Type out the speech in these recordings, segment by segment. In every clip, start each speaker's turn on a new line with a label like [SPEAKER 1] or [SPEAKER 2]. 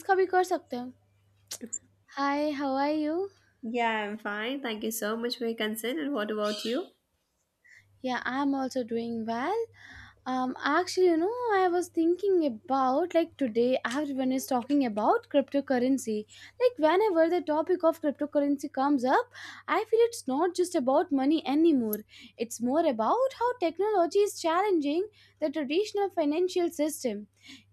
[SPEAKER 1] इसका भी कर सकते हैं hi how are you
[SPEAKER 2] Yeah, I'm fine. Thank you so much for your concern. And what about you?
[SPEAKER 1] Yeah I am also doing well I was thinking about like today everyone is talking about cryptocurrency. Like whenever the topic of cryptocurrency comes up, I feel it's not just about money anymore. It's more about how technology is challenging the traditional financial system.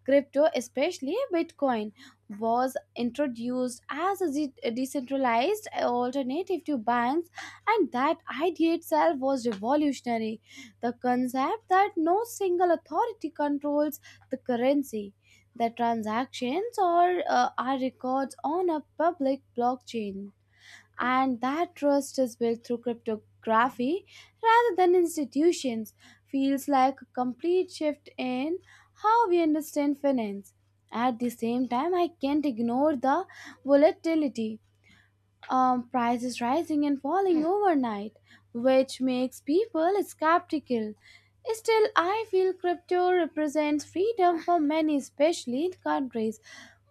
[SPEAKER 1] Crypto, especially Bitcoin, was introduced as a decentralized alternative to banks, and that idea itself was revolutionary, the concept that no single authority controls the currency, the transactions or are records on a public blockchain, and that trust is built through cryptography rather than institutions, feels like a complete shift in how we understand finance. At the same time, I can't ignore the volatility, prices rising and falling overnight, which makes people skeptical. Still, I feel crypto represents freedom for many, especially in countries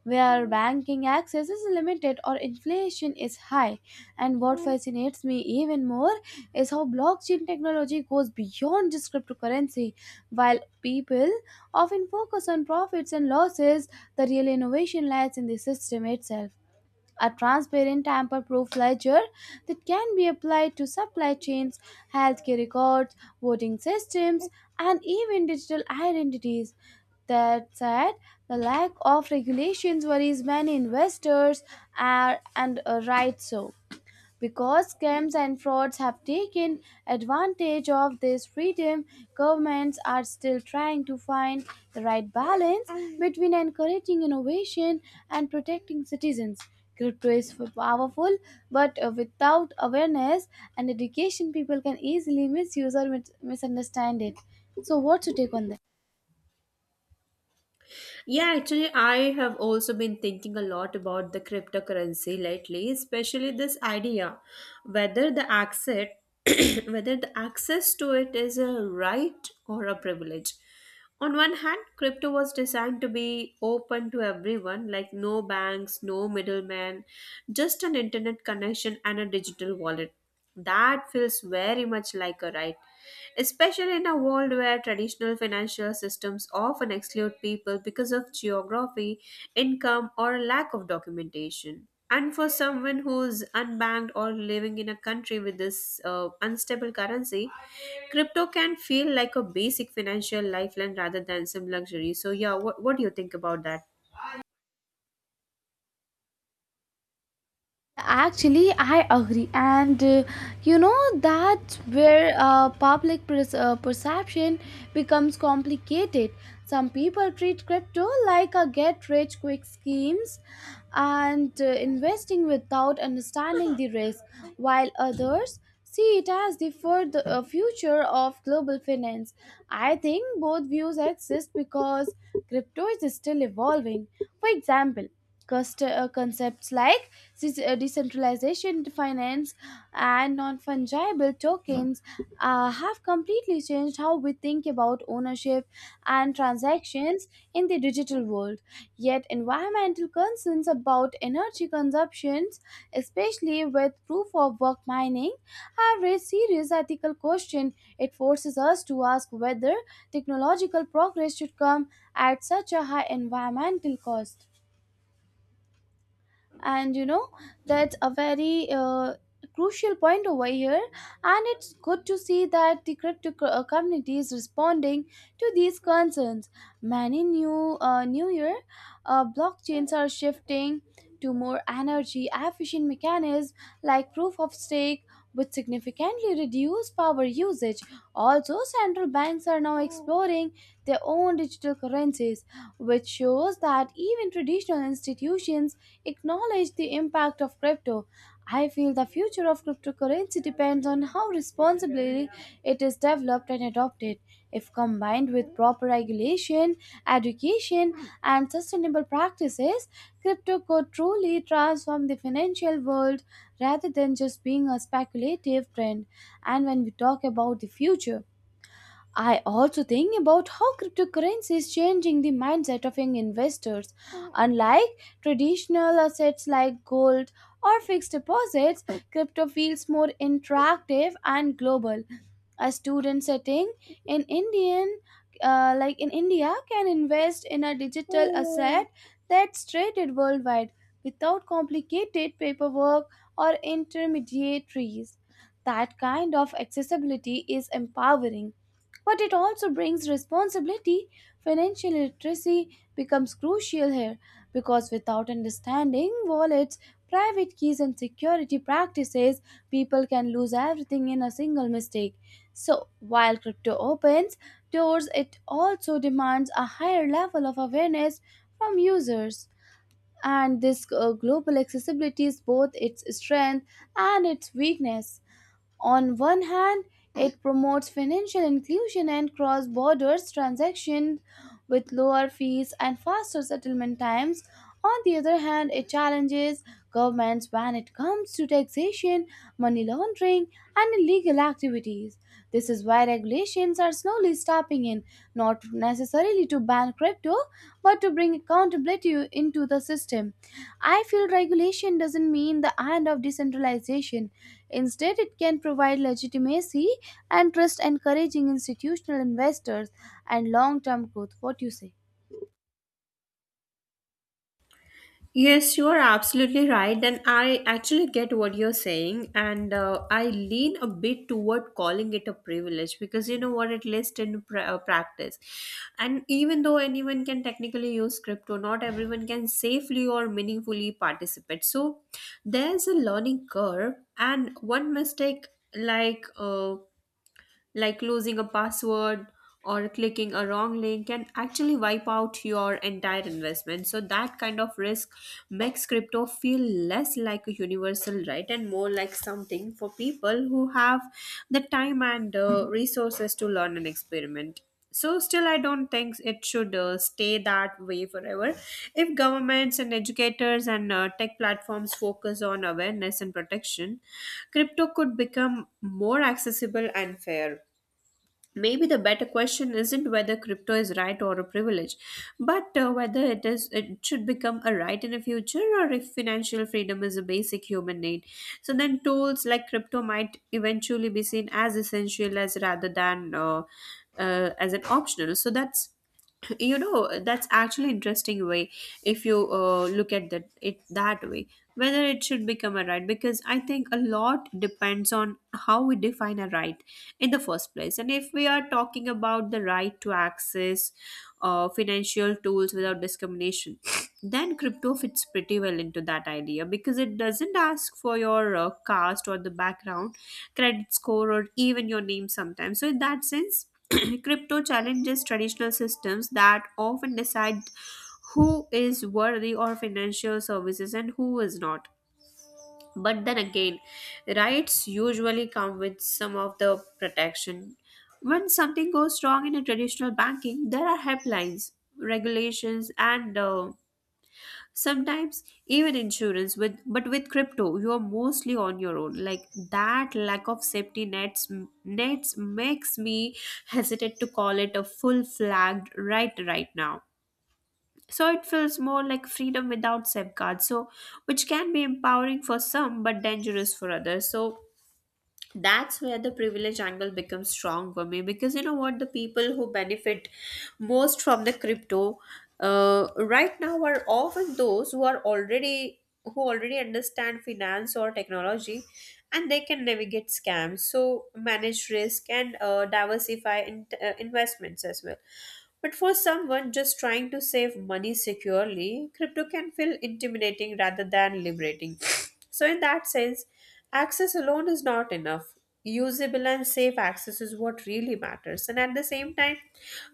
[SPEAKER 1] where banking access is limited or inflation is high. And what fascinates me even more is how blockchain technology goes beyond just cryptocurrency. While people often focus on profits and losses, the real innovation lies in the system itself, a transparent tamper-proof ledger that can be applied to supply chains, healthcare records, voting systems, and even digital identities. That said, the lack of regulations worries many investors, are, and right, so. Because scams and frauds have taken advantage of this freedom, governments are still trying to find the right balance between encouraging innovation and protecting citizens. Crypto is powerful, but without awareness and education, people can easily misuse or misunderstand it. So, what's your take on that?
[SPEAKER 2] Yeah, actually, I have also been thinking a lot about the cryptocurrency lately, especially this idea whether the access whether the access to it is a right or a privilege. On one hand, crypto was designed to be open to everyone, like no banks, no middlemen, just an internet connection and a digital wallet. That feels very much like a right, especially in a world where traditional financial systems often exclude people because of geography, income, or lack of documentation. And for someone who's unbanked or living in a country with this unstable currency, crypto can feel like a basic financial lifeline rather than some luxury. So, yeah, what do you think about that?
[SPEAKER 1] Actually, I agree, and you know that's where perception becomes complicated. Some people treat crypto like a get-rich-quick schemes and investing without understanding the risk, while others see it as the future of global finance. I think both views exist because crypto is still evolving. For example, concepts like decentralization finance and non fungible tokens have completely changed how we think about ownership and transactions in the digital world. Yet, environmental concerns about energy consumptions, especially with proof of work mining, have raised serious ethical questions. It forces us to ask whether technological progress should come at such a high environmental cost, and you know that's a very crucial point over here, and it's good to see that the crypto community is responding to these concerns. Many new year blockchains are shifting to more energy efficient mechanisms like proof of stake, which significantly reduce power usage. Also central banks are now exploring their own digital currencies, which shows that even traditional institutions acknowledge the impact of crypto. I feel the future of cryptocurrency depends on how responsibly it is developed and adopted. If combined with proper regulation, education, and sustainable practices, crypto could truly transform the financial world rather than just being a speculative trend. And when we talk about the future, I also think about how cryptocurrency is changing the mindset of young investors. Unlike traditional assets like gold or fixed deposits, crypto feels more interactive and global. A student setting in indian, like in india, can invest in a digital asset that's traded worldwide without complicated paperwork or intermediaries. That kind of accessibility is empowering, but it also brings responsibility. Financial literacy becomes crucial here, because without understanding wallets, private keys and security practices, people can lose everything in a single mistake. So, while crypto opens doors, it also demands a higher level of awareness from users. And this global accessibility is both its strength and its weakness. On one hand, it promotes financial inclusion and cross border transactions with lower fees and faster settlement times. On the other hand, it challenges governments when it comes to taxation, money laundering, and illegal activities. This is why regulations are slowly stepping in, not necessarily to ban crypto, but to bring accountability into the system. I feel regulation doesn't mean the end of decentralization. Instead, it can provide legitimacy and trust, encouraging institutional investors and long term growth. What do you say?
[SPEAKER 2] Yes, you are absolutely right. And I actually get what you're saying. And I lean a bit toward calling it a privilege because, you know what, at least in practice. And even though anyone can technically use crypto, not everyone can safely or meaningfully participate. So there's a learning curve, and one mistake, like uh, like losing a password or clicking a wrong link, can actually wipe out your entire investment. So that kind of risk makes crypto feel less like a universal right and more like something for people who have the time and resources to learn and experiment. So still I don't think it should stay that way forever. If governments and educators and tech platforms focus on awareness and protection, crypto could become more accessible and fair. Maybe the better question isn't whether crypto is right or a privilege, but whether it should become a right in the future, or if financial freedom is a basic human need. So then tools like crypto might eventually be seen as essential as rather than as an optional. So that's that's actually interesting way, if you look at that it that way, whether it should become a right, because I think a lot depends on how we define a right in the first place. And if we are talking about the right to access financial tools without discrimination, then crypto fits pretty well into that idea, because it doesn't ask for your caste or the background, credit score, or even your name sometimes. So in that sense, crypto challenges traditional systems that often decide who is worthy of financial services and who is not. But then again, rights usually come with some of the protection. When something goes wrong in a traditional banking, there are helplines, regulations, and sometimes even insurance with, but with crypto you are mostly on your own, like that lack of safety nets makes me hesitate to call it a full flagged right right now. So it feels more like freedom without safeguards, so which can be empowering for some but dangerous for others. So that's where the privilege angle becomes strong for me, because you know what, the people who benefit most from the crypto right now are often those who are already understand finance or technology, and they can navigate scams, so manage risk, and diversify investments as well. But for someone just trying to save money securely, crypto can feel intimidating rather than liberating. So in that sense, access alone is not enough. Usable and safe access is what really matters. And at the same time,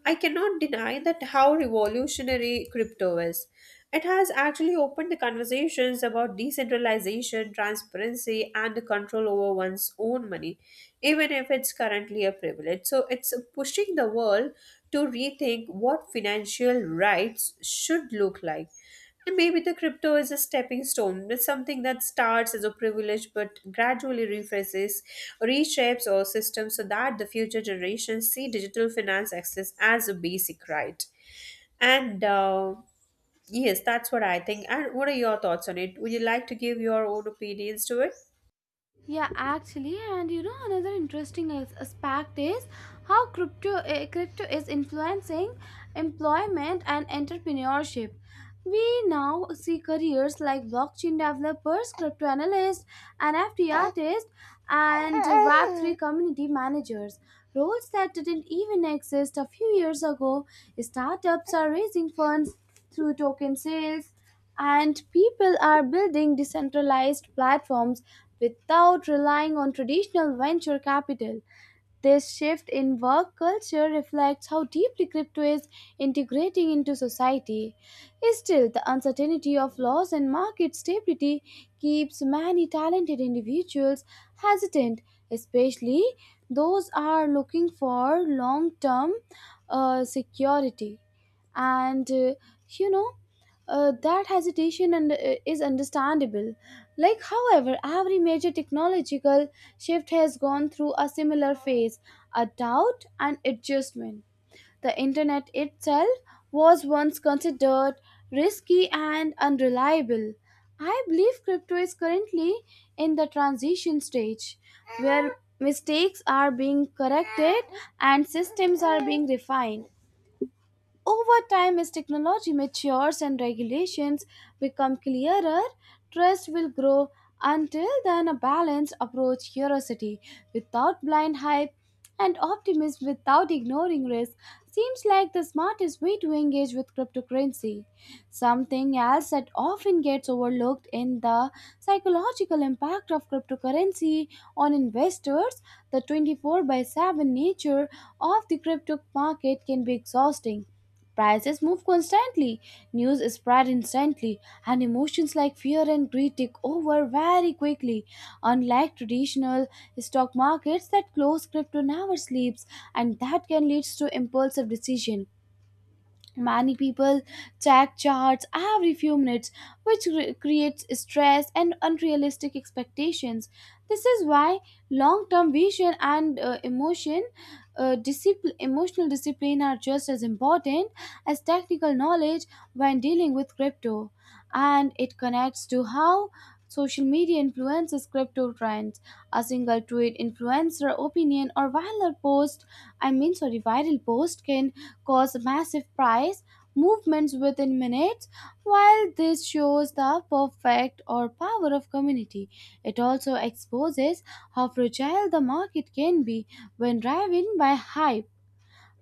[SPEAKER 2] I cannot deny that how revolutionary crypto is. It has actually opened the conversations about decentralization, transparency, and the control over one's own money. Even if it's currently a privilege, so it's pushing the world to rethink what financial rights should look like. And maybe the crypto is a stepping stone. It's something that starts as a privilege but gradually reshapes our system so that the future generations see digital finance access as a basic right. And yes, that's what I think. And what are your thoughts on it? Would you like to give your own opinions to it?
[SPEAKER 1] Yeah, actually, and you know another interesting aspect is how crypto is influencing employment and entrepreneurship. We now see careers like blockchain developers, crypto analysts, NFT artists, and Web3 community managers. Roles that didn't even exist a few years ago. Startups are raising funds through token sales, and people are building decentralized platforms without relying on traditional venture capital. This shift in work culture reflects how deeply crypto is integrating into society. Still, the uncertainty of laws and market stability keeps many talented individuals hesitant, especially those are looking for long-term security and you know that hesitation and is understandable. Like, however, every major technological shift has gone through a similar phase, a doubt and adjustment. The internet itself was once considered risky and unreliable. I believe crypto is currently in the transition stage where mistakes are being corrected and systems are being refined. Over time, as technology matures and regulations become clearer, trust will grow. Until then, a balanced approach, curiosity without blind hype, and optimism without ignoring risk seems like the smartest way to engage with cryptocurrency. Something else that often gets overlooked in the psychological impact of cryptocurrency on investors, the 24 by 7 nature of the crypto market can be exhausting. Prices move constantly, news is spread instantly, and emotions like fear and greed take over very quickly. Unlike traditional stock markets that close, crypto never sleeps, and that can lead to impulsive decision. Yeah. Many people check charts every few minutes, which creates stress and unrealistic expectations. This is why long-term vision and emotional discipline are just as important as technical knowledge when dealing with crypto. And it connects to how social media influences crypto trends. A single tweet, influencer opinion, or viral post—I mean, sorry, viral post—can cause massive price movements within minutes. While this shows the perfect or power of community, it also exposes how fragile the market can be when driven by hype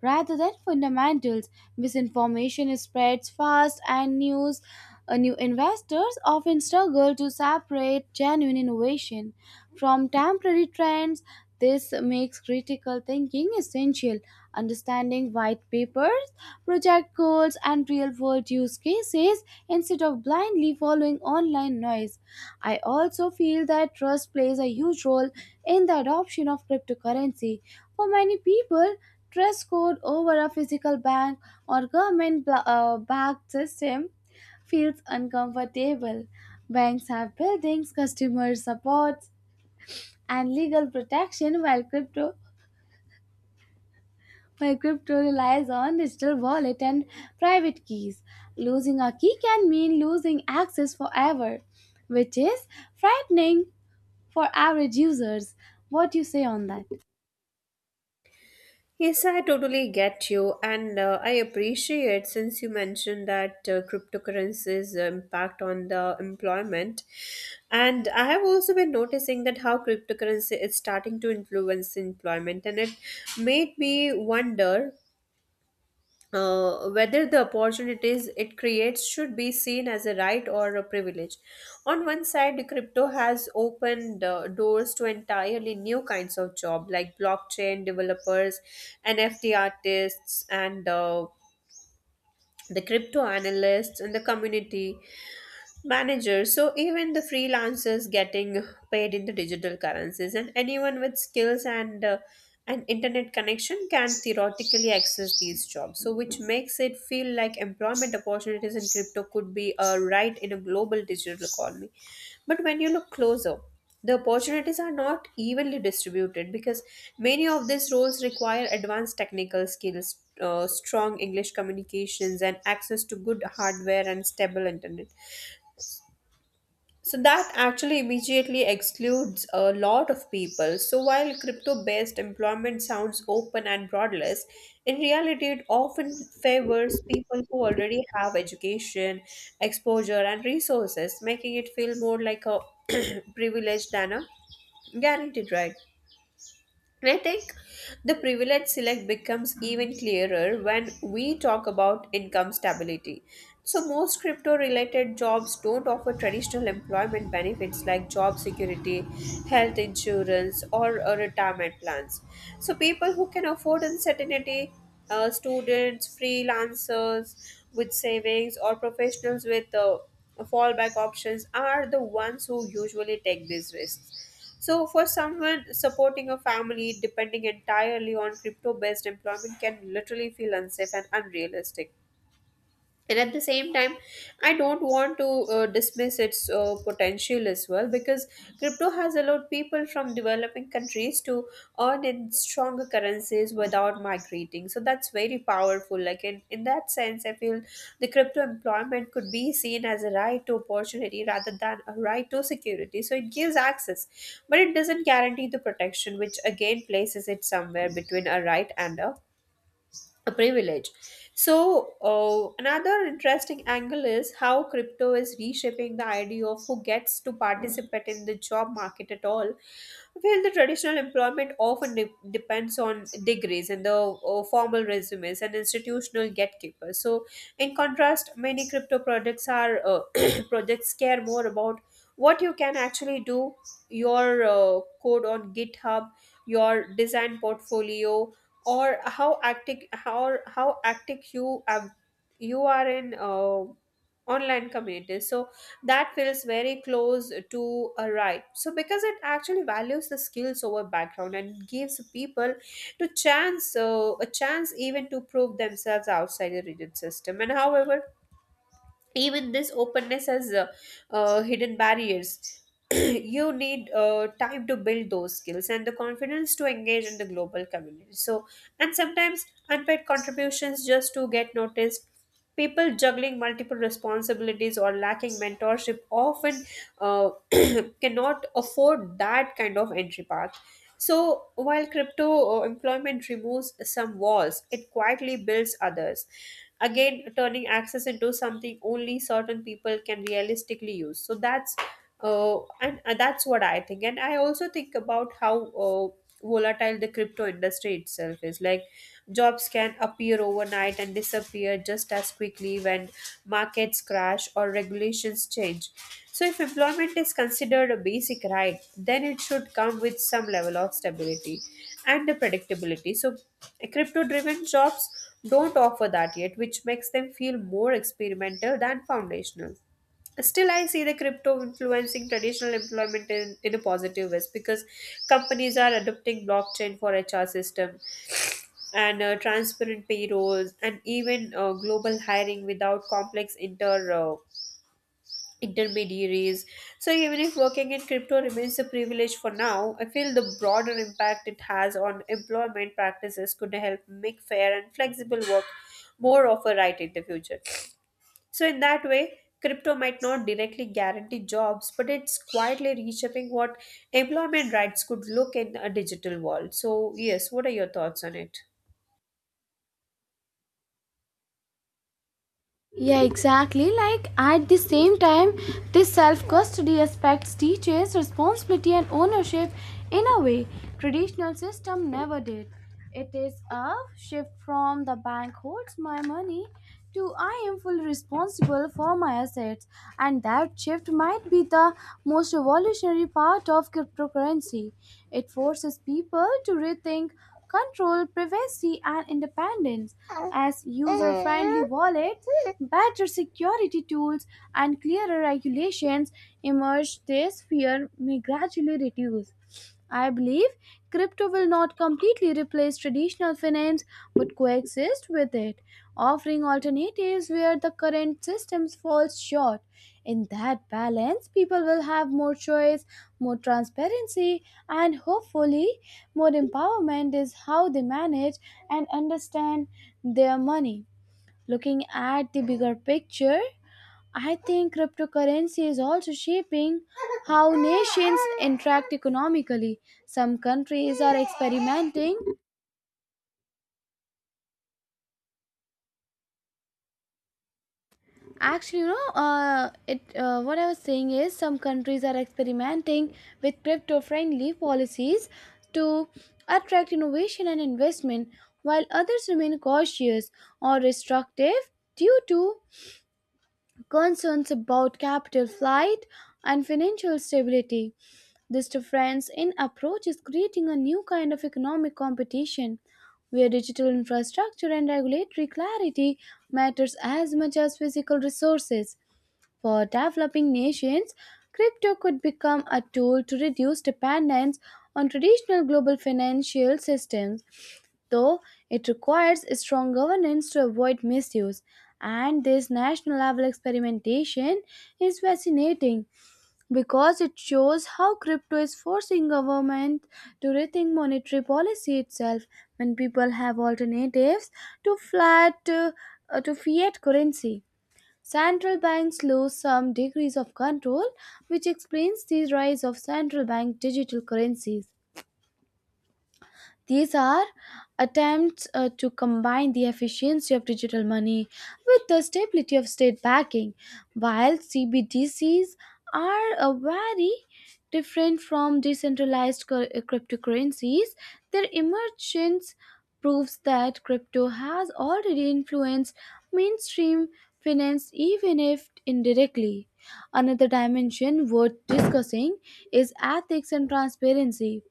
[SPEAKER 1] rather than fundamentals. Misinformation spreads fast, and new investors often struggle to separate genuine innovation from temporary trends. This makes critical thinking essential. Understanding white papers, project goals, and real world use cases instead of blindly following online noise. I also feel that trust plays a huge role in the adoption of cryptocurrency. For many people, trust code over a physical bank or government backed system feels uncomfortable. Banks have buildings, customer support, and legal protection while crypto relies on digital wallet and private keys. Losing a key can mean losing access forever, which is frightening for average users. What do you say on that?
[SPEAKER 2] Yes, I totally get you, and I appreciate since you mentioned that cryptocurrencies impact on the employment, and I have also been noticing that how cryptocurrency is starting to influence employment, and it made me wonder whether the opportunities it creates should be seen as a right or a privilege. On one side, crypto has opened doors to entirely new kinds of job like blockchain developers, NFT artists, and the crypto analysts and the community managers. So even the freelancers getting paid in the digital currencies, and anyone with skills and an internet connection can theoretically access these jobs, so which makes it feel like employment opportunities in crypto could be a right in a global digital economy. But when you look closer, the opportunities are not evenly distributed, because many of these roles require advanced technical skills, strong English communications, and access to good hardware and stable internet. So that actually immediately excludes a lot of people. So while crypto based employment sounds open and broadless, in reality it often favors people who already have education, exposure, and resources, making it feel more like a privilege than a guaranteed right. I think the privilege select becomes even clearer when we talk about income stability. So, most crypto related jobs don't offer traditional employment benefits like job security, health insurance, or retirement plans. So, people who can afford uncertainty, students, freelancers with savings, or professionals with fallback options, are the ones who usually take these risks. So, for someone supporting a family, depending entirely on crypto based employment can literally feel unsafe and unrealistic. And at the same time, I don't want to dismiss its potential as well, because crypto has allowed people from developing countries to earn in stronger currencies without migrating. So that's very powerful. Like in that sense I feel the crypto employment could be seen as a right to opportunity rather than a right to security. So it gives access, but it doesn't guarantee the protection, which again places it somewhere between a right and a privilege. So, another interesting angle is how crypto is reshaping the idea of who gets to participate in the job market at all. Well, the traditional employment often depends on degrees and the formal resumes and institutional gatekeepers. So, in contrast, many crypto projects are projects care more about what you can actually do, your code on GitHub, your design portfolio, or how active you ab- you are in online communities. So that feels very close to a right, so because it actually values the skills over background and gives people to chance a chance even to prove themselves outside the rigid system. And however, even this openness has hidden barriers. You need time to build those skills and the confidence to engage in the global community, so, and sometimes unpaid contributions just to get noticed. People juggling multiple responsibilities or lacking mentorship often uh, cannot afford that kind of entry path. So while crypto employment removes some walls, it quietly builds others, again turning access into something only certain people can realistically use. So that's what I think. And I also think about how volatile the crypto industry itself is. Like jobs can appear overnight and disappear just as quickly when markets crash, or regulations change. So, if employment is considered a basic right, then it should come with some level of stability and the predictability. So, crypto driven jobs don't offer that yet, which makes them feel more experimental than foundational. Still I see the crypto influencing traditional employment in a positive way, because companies are adopting blockchain for HR system and transparent payrolls, and even global hiring without complex intermediaries. So even if working in crypto remains a privilege for now, I feel the broader impact it has on employment practices could help make fair and flexible work more of a right in the future. So, in that way, crypto might not directly guarantee jobs, but it's quietly reshaping what employment rights could look in a digital world. So, yes, what are your thoughts on it?
[SPEAKER 1] Yeah, exactly. Like at the same time, this self custody aspects teaches responsibility and ownership in a way traditional system never did. It is a shift from the bank holds my money to I am fully responsible for my assets, and that shift might be the most revolutionary part of cryptocurrency. It forces people to rethink control privacy and independence. As user-friendly wallets, better security tools, and clearer regulations emerge, this fear may gradually reduce. I believe crypto will not completely replace traditional finance but coexist with it, offering alternatives where the current systems falls short. In that balance, people will have more choice, more transparency, and hopefully more empowerment is how they manage and understand their money. Looking at the bigger picture, I think cryptocurrency is also shaping how nations interact economically. Some countries are experimenting. Actually, you know, it. What I was saying is, Some countries are experimenting with crypto-friendly policies to attract innovation and investment, while others remain cautious or restrictive due to concerns about capital flight and financial stability. This difference in approach is creating a new kind of economic competition where digital infrastructure and regulatory clarity matters as much as physical resources. For developing nations, crypto could become a tool to reduce dependence on traditional global financial systems though it requires strong governance to avoid misuse. And this national level experimentation is fascinating because it shows how crypto is forcing government to rethink monetary policy itself when people have alternatives to flat to fiat currency. Central banks lose some degrees of control, which explains the rise of central bank digital currencies. These are attempts to combine the efficiency of digital money with the stability of state backing, while CBDCs are very different from decentralized cryptocurrencies. Their emergence proves that crypto has already influenced mainstream finance, even if indirectly. Another dimension worth discussing is ethics and transparency.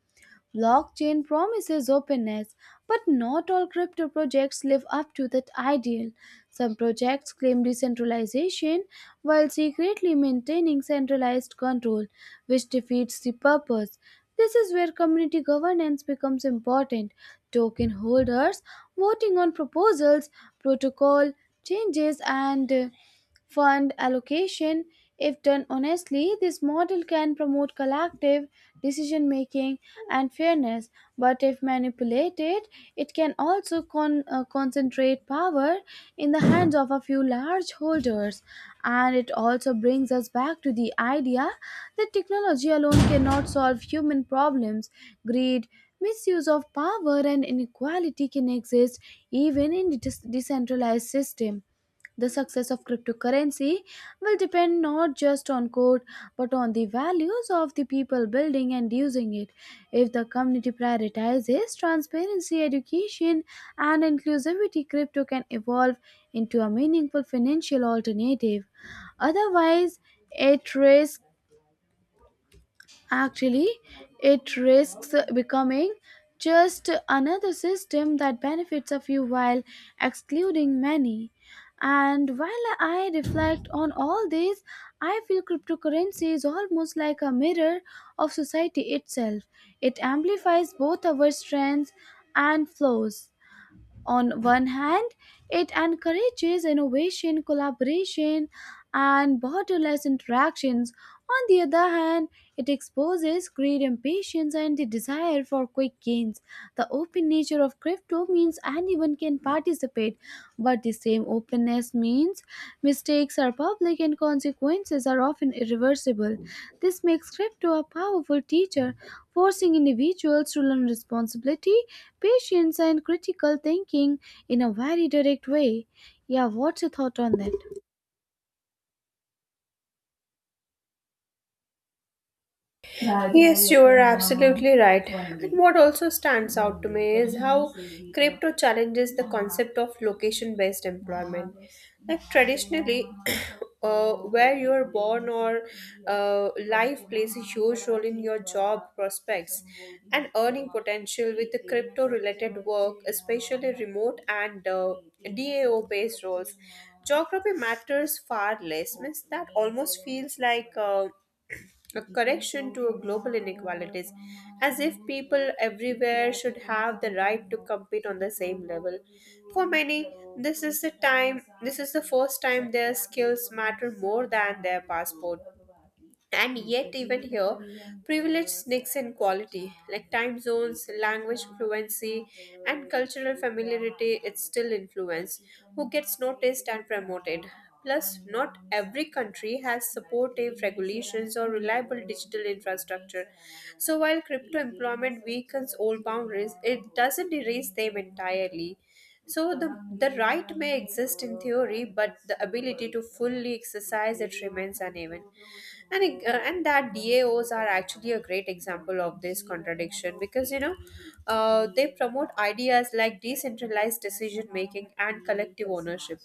[SPEAKER 1] Blockchain promises openness, but not all crypto projects live up to that ideal. Some projects claim decentralization while secretly maintaining centralized control, which defeats the purpose. This is where community governance becomes important. Token holders voting on proposals, protocol changes, and fund allocation, if done honestly, this model can promote collective decision making and fairness, but if manipulated, it can also concentrate power in the hands of a few large holders. And it also brings us back to the idea that technology alone cannot solve human problems. Greed, misuse of power, and inequality can exist even in the decentralized system. The success of cryptocurrency will depend not just on code but on the values of the people building and using it. If the community prioritizes transparency, education, and inclusivity, crypto can evolve into a meaningful financial alternative. Otherwise, it risks Actually, it risks becoming just another system that benefits a few while excluding many. And while I reflect on all this, I feel cryptocurrency is almost like a mirror of society itself. It amplifies both our strengths and flaws. On one hand, it encourages innovation, collaboration, and borderless interactions. On the other hand, it exposes greed, impatience, and the desire for quick gains. The open nature of crypto means anyone can participate, but the same openness means mistakes are public and consequences are often irreversible. This makes crypto a powerful teacher, forcing individuals to learn responsibility, patience, and critical thinking in a very direct way. Yeah, what's your thought on that?
[SPEAKER 2] Yes, you are absolutely right. And what also stands out to me is how crypto challenges the concept of location based employment. Like traditionally, where you are born or life plays a huge role in your job prospects and earning potential with the crypto related work, especially remote and DAO based roles. Geography matters far less, means that almost feels like. A correction to global inequalities, as if people everywhere should have the right to compete on the same level. For many, this is the first time their skills matter more than their passport. And yet, even here, privilege sneaks in quality, like time zones, language fluency, and cultural familiarity, it's still influence. Who gets noticed and promoted? Plus, not every country has supportive regulations or reliable digital infrastructure. So, while crypto employment weakens old boundaries, it doesn't erase them entirely. So, the right may exist in theory, but the ability to fully exercise it remains uneven. And and that DAOs are actually a great example of this contradiction, because you know, they promote ideas like decentralized decision making and collective ownership,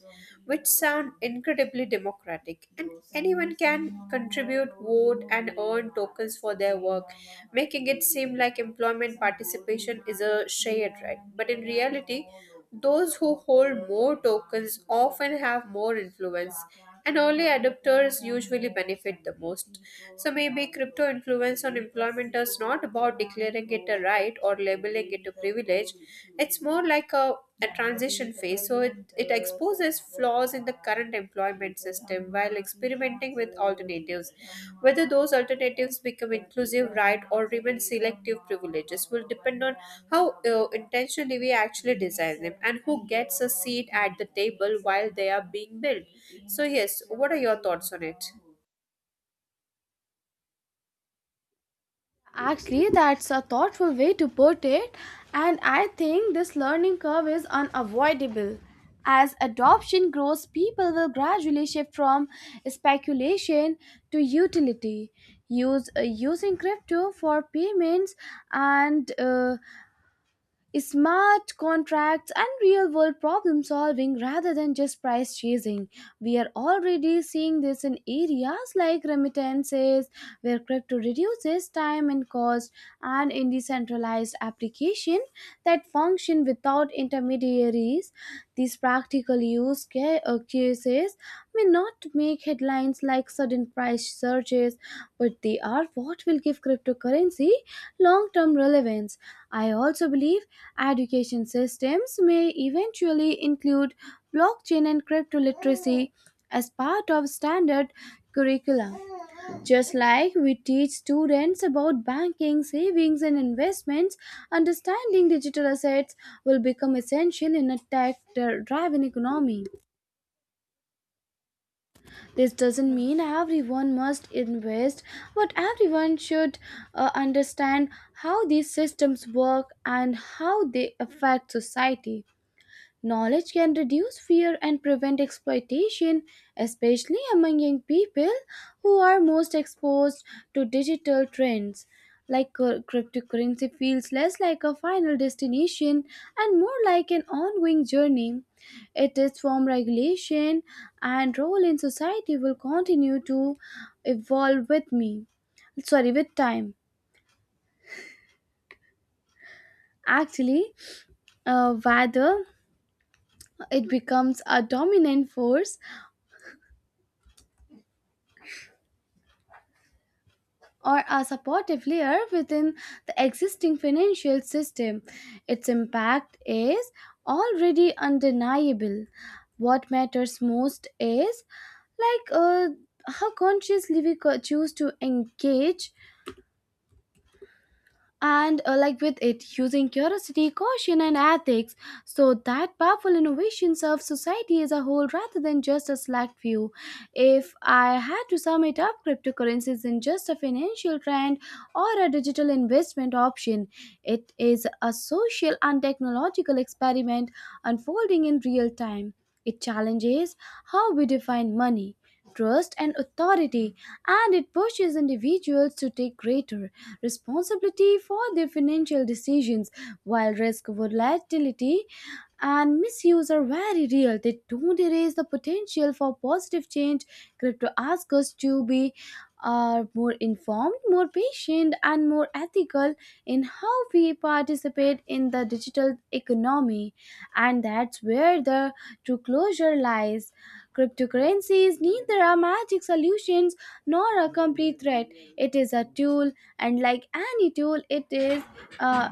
[SPEAKER 2] which sound incredibly democratic, and anyone can contribute, vote, and earn tokens for their work, making it seem like employment participation is a shared right. But in reality, those who hold more tokens often have more influence, and early adopters usually benefit the most. So maybe crypto influence on employment is not about declaring it a right or labeling it a privilege. It's more like a transition phase. So it exposes flaws in the current employment system while experimenting with alternatives. Whether those alternatives become inclusive right or remain selective privileges will depend on how intentionally we actually design them, and who gets a seat at the table while they are being built. So, yes, what are your thoughts on it?
[SPEAKER 1] Actually, that's a thoughtful way to put it, and I think this learning curve is unavoidable. As adoption grows, people will gradually shift from speculation to utility, use using crypto for payments and smart contracts and real world problem solving rather than just price chasing. We are already seeing this in areas like remittances, where crypto reduces time and cost, and in decentralized applications that function without intermediaries. These practical use cases may not make headlines like sudden price surges, but they are what will give cryptocurrency long term relevance. I also believe education systems may eventually include blockchain and crypto literacy as part of standard curricula. Just like we teach students about banking, savings, and investments, understanding digital assets will become essential in a tech driven economy. This doesn't mean everyone must invest, but everyone should understand how these systems work and how they affect society. Knowledge can reduce fear and prevent exploitation, especially among young people who are most exposed to digital trends. Like cryptocurrency feels less like a final destination and more like an ongoing journey. Its form, regulation, and role in society will continue to evolve with time. Actually, Whether it becomes a dominant force or a supportive layer within the existing financial system, its impact is already undeniable. What matters most is like uh, how consciously we choose to engage and like with it, using curiosity, caution, and ethics, so that powerful innovation serves society as a whole rather than just a select few. If I had to sum it up, cryptocurrency isn't just a financial trend or a digital investment option. It is a social and technological experiment unfolding in real time. It challenges how we define money, trust, and authority, and it pushes individuals to take greater responsibility for their financial decisions. While risk, volatility, and misuse are very real, they don't erase the potential for positive change. Crypto asks us to be more informed, more patient, and more ethical in how we participate in the digital economy. And that's where the true closure lies. Cryptocurrency is neither a magic solution nor a complete threat. It is a tool, and like any tool, it is uh,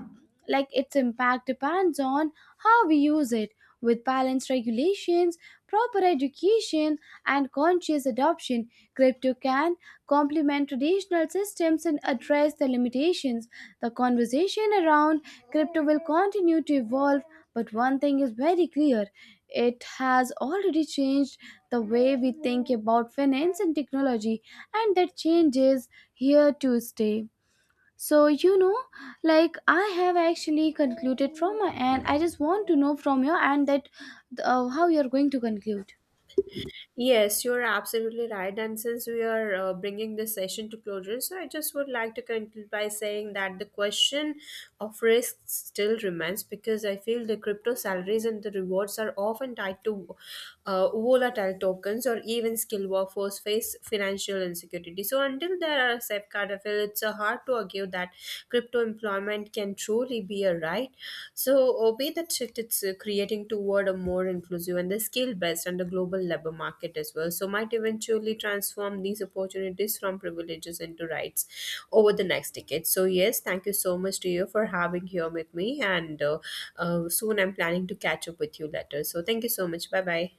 [SPEAKER 1] like its impact depends on how we use it. With balanced regulations, proper education, and conscious adoption, crypto can complement traditional systems and address the limitations. The conversation around crypto will continue to evolve, but one thing is very clear: it has already changed the way we think about finance and technology, and that change is here to stay. So, you know, like I have actually concluded from my end. I just want to know from your end that how you're going to conclude.
[SPEAKER 2] Yes, you're absolutely right. And since we are bringing this session to closure, so I just would like to conclude by saying that the question of risk still remains, because I feel the crypto salaries and the rewards are often tied to volatile tokens, or even skilled workforce face financial insecurity. So until there are safeguards, I feel it's hard to argue that trip to employment can truly be a right. So, obey the shift it's creating toward a more inclusive and the skill based and the global labor market as well. So, might eventually transform these opportunities from privileges into rights over the next decade. So, yes, thank you so much to you for having here with me. And soon I'm planning to catch up with you later. So, thank you so much. Bye bye.